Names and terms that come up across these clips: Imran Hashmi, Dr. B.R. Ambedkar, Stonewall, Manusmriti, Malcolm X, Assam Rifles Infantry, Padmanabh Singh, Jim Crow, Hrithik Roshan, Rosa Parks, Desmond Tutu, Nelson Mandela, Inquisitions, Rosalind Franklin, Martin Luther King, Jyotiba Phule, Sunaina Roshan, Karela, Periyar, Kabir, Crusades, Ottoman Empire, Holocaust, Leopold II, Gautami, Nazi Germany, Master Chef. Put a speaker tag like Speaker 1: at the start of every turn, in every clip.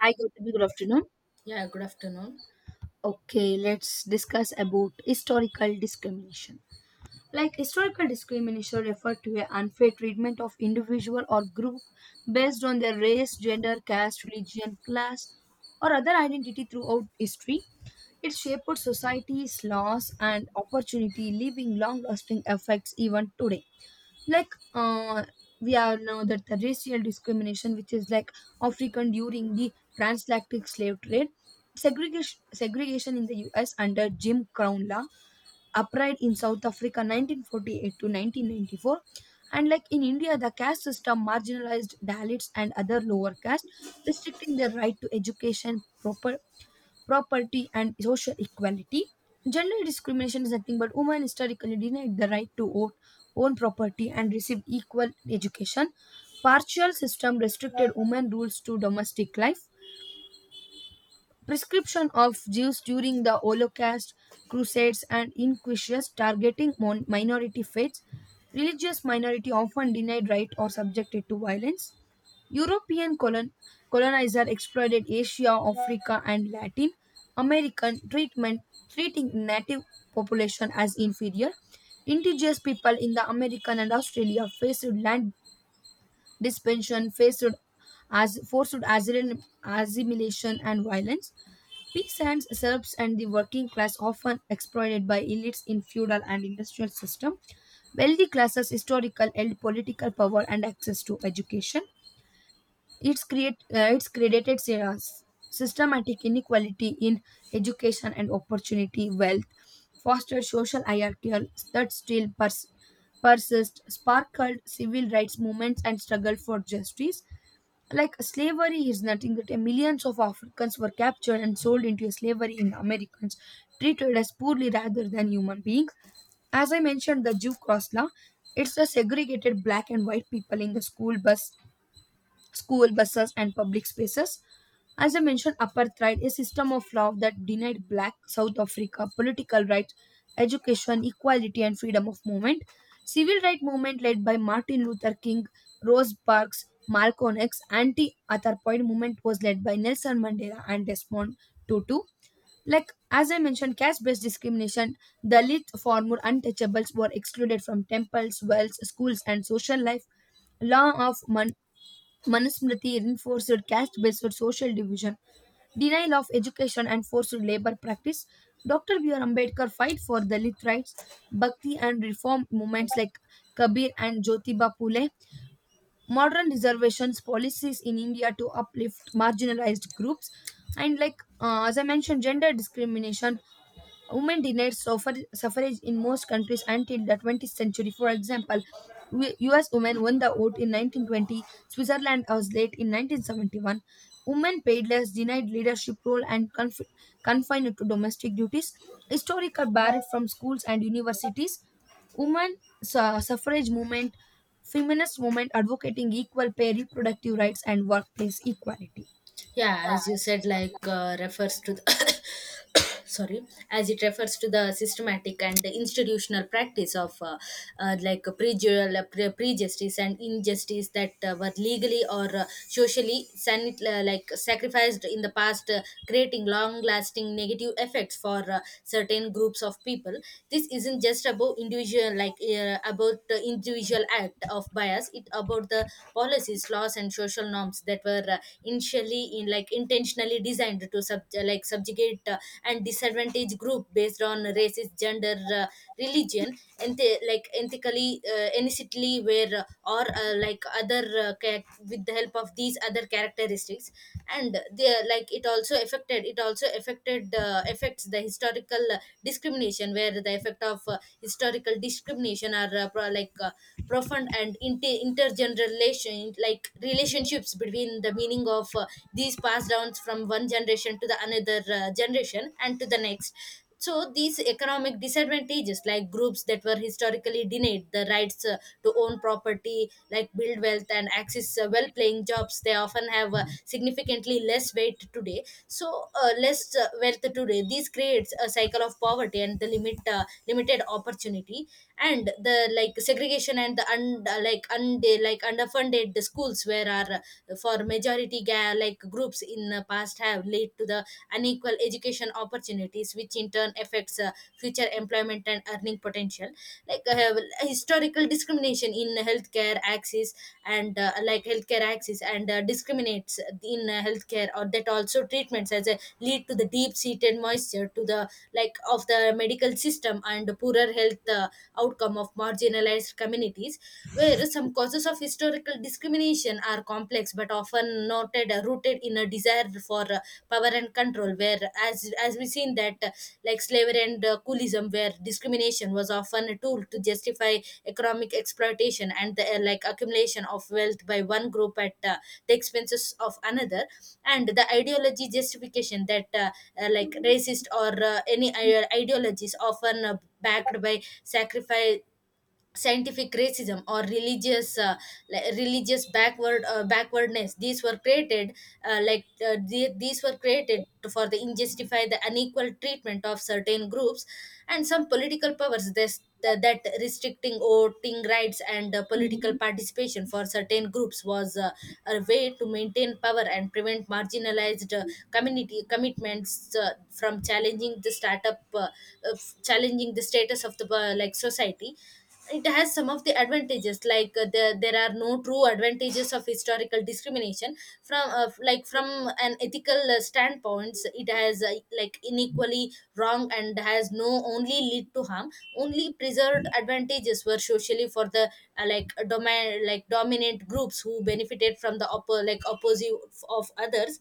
Speaker 1: Hi, Gautami. Good afternoon.
Speaker 2: Yeah, good afternoon.
Speaker 1: Okay, let's discuss about historical discrimination. Like historical discrimination refer to a unfair treatment of individual or group based on their race, gender, caste, religion, class, or other identity throughout history. It shaped society's laws and opportunity, leaving long-lasting effects even today like uh, we all know that the racial discrimination which is like african during the transatlantic slave trade segregation in the US under Jim Crow law upright in South Africa 1948 to 1994, and like in India the caste system marginalized Dalits and other lower caste, restricting their right to education, proper property, and social equality. Gender discrimination is nothing but women historically denied the right to vote, own property, and receive equal education. Partial system restricted women rules to domestic life. Prescription of Jews during the Holocaust, Crusades, and Inquisitions targeting minority faiths. Religious minority often denied right or subjected to violence. European colonizer exploited Asia, Africa, and Latin American treatment, treating native population as inferior. Indigenous people in the American and Australia faced land dispension, faced as forced asylum, assimilation, and violence. Peasants, serfs, and the working class often exploited by elites in feudal and industrial system. Wealthy classes historical held political power and access to education. It's created systematic inequality in education and opportunity, wealth, fostered social hierarchical that still persist, sparkled civil rights movements and struggle for justice. Like slavery is nothing that millions of Africans were captured and sold into slavery in the Americans, treated as poorly rather than human beings. As I mentioned, the Jew Cross law, it's the segregated black and white people in the school buses, and public spaces. As I mentioned, apartheid, a system of law that denied black South Africa political rights, education, equality, and freedom of movement. Civil rights movement led by Martin Luther King, Rose Parks, Malcolm X, anti-apartheid movement was led by Nelson Mandela and Desmond Tutu. Like as I mentioned, caste-based discrimination, Dalit, former untouchables were excluded from temples, wells, schools, and social life, law of Manusmriti reinforced caste-based social division, denial of education and forced labor practice. Dr. B.R. Ambedkar fight for Dalit rights, Bhakti and reform movements like Kabir and Jyotiba Phule, modern reservations policies in India to uplift marginalized groups, and like as I mentioned, gender discrimination. Women denied suffrage in most countries until the 20th century. For example, US women won the vote in 1920, Switzerland was late in 1971. Women paid less, denied leadership role, and confined to domestic duties. Historical barred from schools and universities. Women suffrage movement, feminist movement advocating equal pay, reproductive rights, and workplace equality.
Speaker 2: Yeah, as you said, refers to the sorry, as it refers to the systematic and institutional practice of prejudicial, prejustice and injustice that were legally or socially sacrificed in the past, creating long-lasting negative effects for certain groups of people. This isn't just about individual, about the individual act of bias. It about the policies, laws, and social norms that were initially in like intentionally designed to subjugate and disadvantage group based on races, gender, religion, and they, ethically, innocently where or like other with the help of these other characteristics. And they are, like it also affected, affects the historical discrimination where the effect of historical discrimination are profound and intergeneration like relationships between the meaning of these passed downs from one generation to the another generation and to the next. So these economic disadvantages, like groups that were historically denied the rights to own property, like build wealth and access well paying jobs, they often have significantly less weight today, so less wealth today. This creates a cycle of poverty and the limited opportunity. And the like segregation and the un, like und, like underfunded schools where are for majority groups in the past have led to the unequal education opportunities, which in turn affects future employment and earning potential. like uh, historical discrimination in healthcare access and healthcare access and discriminates in healthcare or that also treatments as a lead to the deep seated moisture to the like of the medical system and poorer health outcome of marginalized communities, where some causes of historical discrimination are complex but often noted rooted in a desire for power and control. Where as we seen that, slavery and coolism, where discrimination was often a tool to justify economic exploitation and the accumulation of wealth by one group at the expenses of another, and the ideology justification that racist or any ideologies often backed by sacrifice, scientific racism or religious, religious backwardness. These were created, to, for the injustify the unequal treatment of certain groups. And some political powers this that restricting voting rights and political participation for certain groups was a way to maintain power and prevent marginalized community commitments from challenging the startup uh, challenging the status of the society. It has some of the advantages, like there are no true advantages of historical discrimination from from an ethical standpoints. It has inequally wrong and has no only lead to harm. Only preserved advantages were socially for the like domain like dominant groups who benefited from the opposite of others.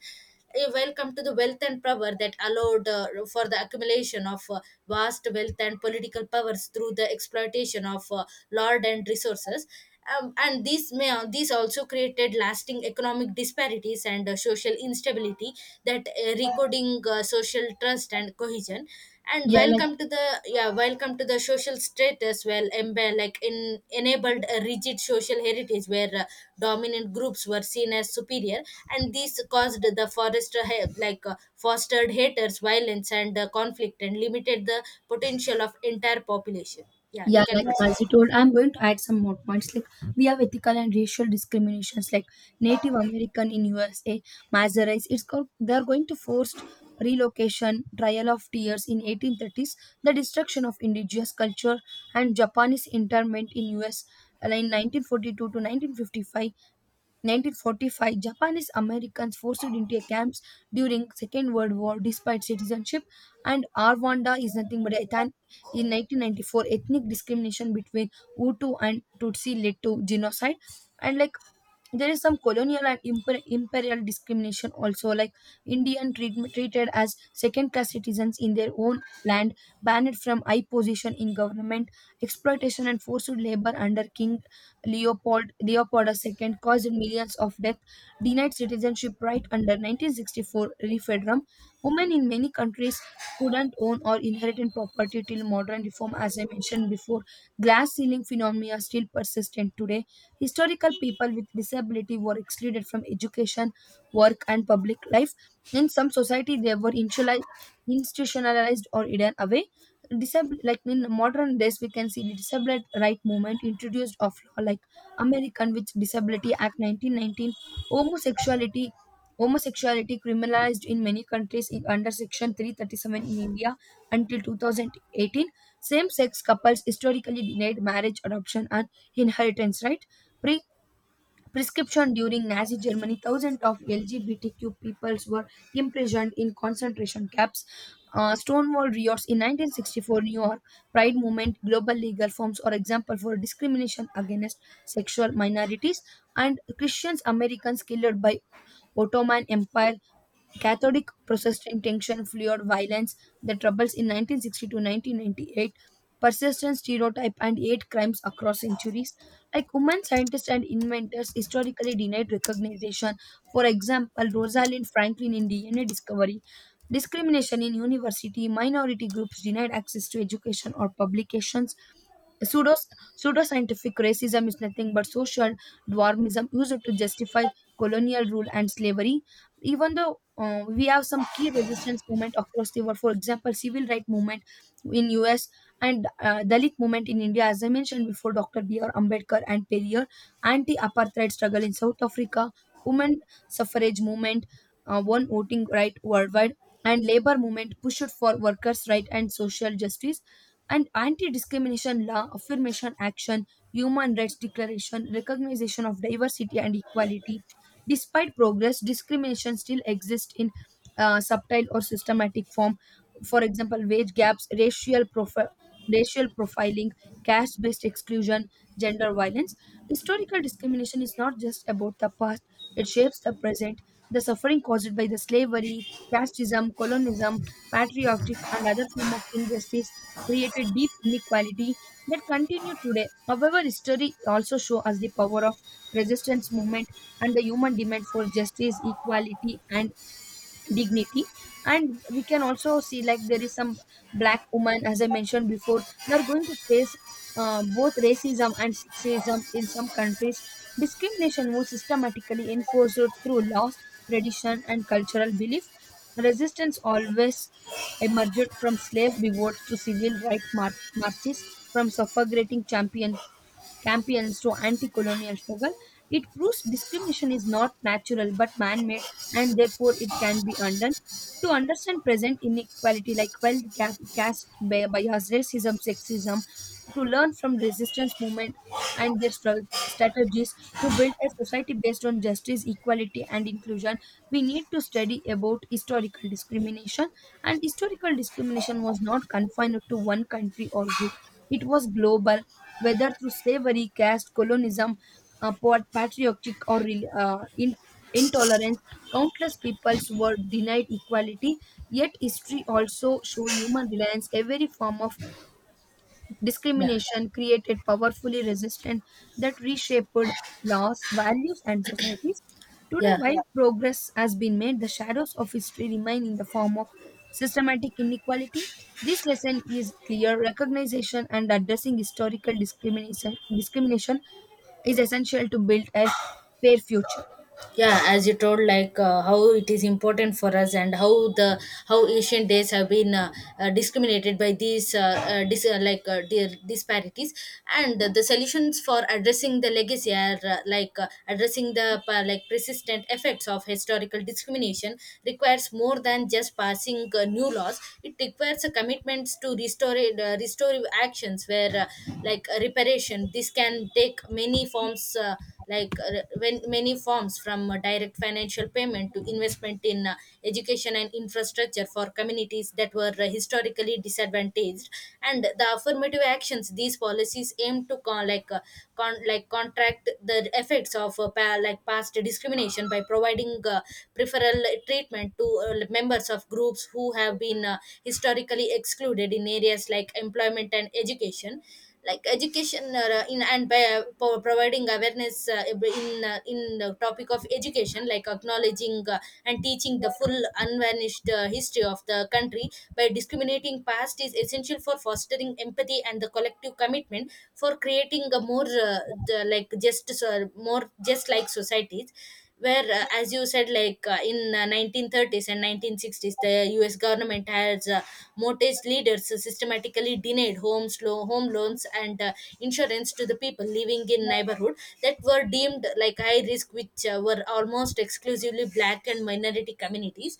Speaker 2: A welcome to the wealth and power that allowed for the accumulation of vast wealth and political powers through the exploitation of lord and resources. And these may these also created lasting economic disparities and social instability that recoding social trust and cohesion, and
Speaker 1: Yeah,
Speaker 2: welcome to the, yeah, welcome to the social status, well embe- like in enabled a rigid social heritage where dominant groups were seen as superior. And this caused the forest, fostered haters violence and conflict, and limited the potential of entire population. Yeah, you
Speaker 1: Yeah,
Speaker 2: can
Speaker 1: like as
Speaker 2: proceed.
Speaker 1: you told, I'm going to add some more points. Like we have ethical and racial discriminations, like Native American in USA, Masoretes. It's called they are going to forced relocation, trial of tears in 1830s, the destruction of indigenous culture, and Japanese internment in US, in 1942 to 1955. 1945, Japanese Americans forced into camps during Second World War despite citizenship, and Rwanda is nothing but a in 1994 ethnic discrimination between Hutu and Tutsi led to genocide, and like there is some colonial and imperial discrimination also, like indian treatment treated as second class citizens in their own land, banned from high position in government, exploitation and forced labor under King Leopold II caused millions of death, denied citizenship right under 1964 referendum. Women in many countries couldn't own or inherit property till modern reform, as I mentioned before. Glass ceiling phenomena still persistent today. Historical people with disability were excluded from education, work, and public life. In some society, they were institutionalized or hidden away. Like in modern days, we can see the disabled right movement introduced of law like American with Disability Act 1919, homosexuality. Homosexuality criminalized in many countries in, under Section 337 in India until 2018. Same sex couples historically denied marriage, adoption, and inheritance right. Pre- Prescription during Nazi Germany, thousands of LGBTQ peoples were imprisoned in concentration camps. Stonewall riots in 1964 New York, Pride movement, global legal forms are example for discrimination against sexual minorities, and Christians Americans killed by Ottoman Empire, Catholic Protestant tension fueled violence. The troubles in 1960 to 1998, persistent stereotype and hate crimes across centuries. Like women scientists and inventors historically denied recognition. For example, Rosalind Franklin in DNA discovery. Discrimination in university, minority groups denied access to education or publications. Pseudo, pseudoscientific racism is nothing but social dwarfism used to justify colonial rule and slavery. Even though we have some key resistance movement across the world, for example civil right movement in US, and dalit movement in India, as I mentioned before, Dr. B. R. Ambedkar and Periyar, anti-apartheid struggle in South Africa, women suffrage movement, one voting right worldwide, and labor movement pushed for workers right and social justice, and anti-discrimination law, affirmation action, human rights declaration, recognition of diversity and equality. Despite progress, discrimination still exists in subtle or systematic form. For example, wage gaps, racial profiling, caste-based exclusion, gender violence. Historical discrimination is not just about the past; it shapes the present. The suffering caused by the slavery, casteism, colonialism, patriarchy, and other form of injustice created deep inequality that continue today. However, history also shows us the power of resistance movement and the human demand for justice equality and dignity. And we can also see like there is some black woman, as I mentioned before, they are going to face both racism and sexism. In some countries discrimination was systematically enforced through laws, tradition and cultural belief. Resistance always emerged from slave revolts to civil rights marches, from suffrageting champion campaigns to anti colonial struggle, it proves discrimination is not natural but man made, and therefore it can be undone. To understand present inequality like wealth gap, bias, racism, sexism, to learn from resistance movement and their struggle strategies, to build a society based on justice, equality, and inclusion, we need to study about historical discrimination. And historical discrimination was not confined to one country or group, it was global, whether through slavery, caste, colonialism, patriotic or intolerance, countless peoples were denied equality. Yet history also show human reliance. Every form of
Speaker 2: Yeah,
Speaker 1: discrimination created powerfully resistance that reshaped laws, values, and societies. Today,
Speaker 2: yeah,
Speaker 1: while progress has been made, the shadows of history remain in the form of systematic inequality. This lesson is clear. Recognition and addressing historical discrimination is essential to build a fair future.
Speaker 2: yeah, as you told, how it is important for us and how the how ancient days have been, discriminated by these disparities. And the solutions for addressing the legacy are, addressing the persistent effects of historical discrimination requires more than just passing new laws. It requires a commitments to restore restorative actions, where reparation. This can take many forms like when many forms, from direct financial payment to investment in education and infrastructure for communities that were historically disadvantaged. And the affirmative actions, these policies aim to contract the effects of past discrimination by providing preferential treatment to members of groups who have been historically excluded in areas like employment and education. Like education in and by providing awareness in the topic of education, like acknowledging and teaching the full unvarnished history of the country by discriminating past is essential for fostering empathy and the collective commitment for creating a more, the, like just more just like societies where, as you said, like in 1930s and 1960s the US government has mortgage leaders systematically denied homes home loans and insurance to the people living in neighborhood that were deemed like high risk, which were almost exclusively black and minority communities.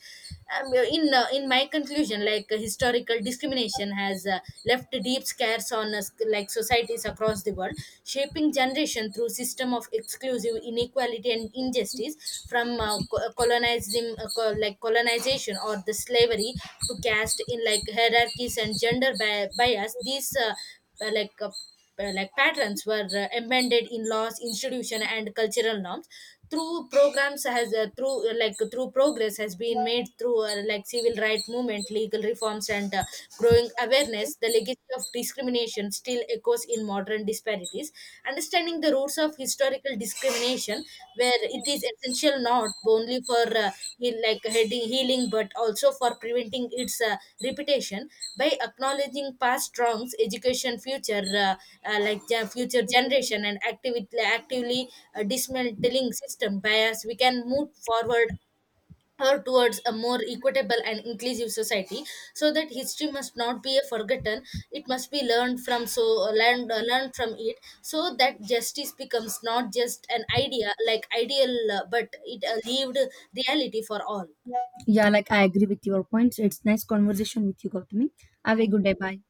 Speaker 2: In my conclusion, historical discrimination has left deep scars on us like societies across the world, shaping generation through system of exclusive inequality and injustice from co- colonizing co- like colonization or the slavery, to caste in like hierarchies and gender bias. These uh, like uh, patterns were embedded in laws institution and cultural norms. Through through progress has been made through civil rights movement, legal reforms and growing awareness. The legacy of discrimination still echoes in modern disparities. Understanding the roots of historical discrimination, where it is essential not only for heal, like heading healing but also for preventing its repetition. By acknowledging past wrongs, education future, future generation, and actively dismantling system bias, we can move forward or towards a more equitable and inclusive society. So that history must not be a forgotten, it must be learned from. So learned from it so that justice becomes not just an idea, like ideal, but it a lived reality for all.
Speaker 1: Yeah, like I agree with your points. It's nice conversation with you, Gautami. Have a
Speaker 2: Thank
Speaker 1: good day. Bye.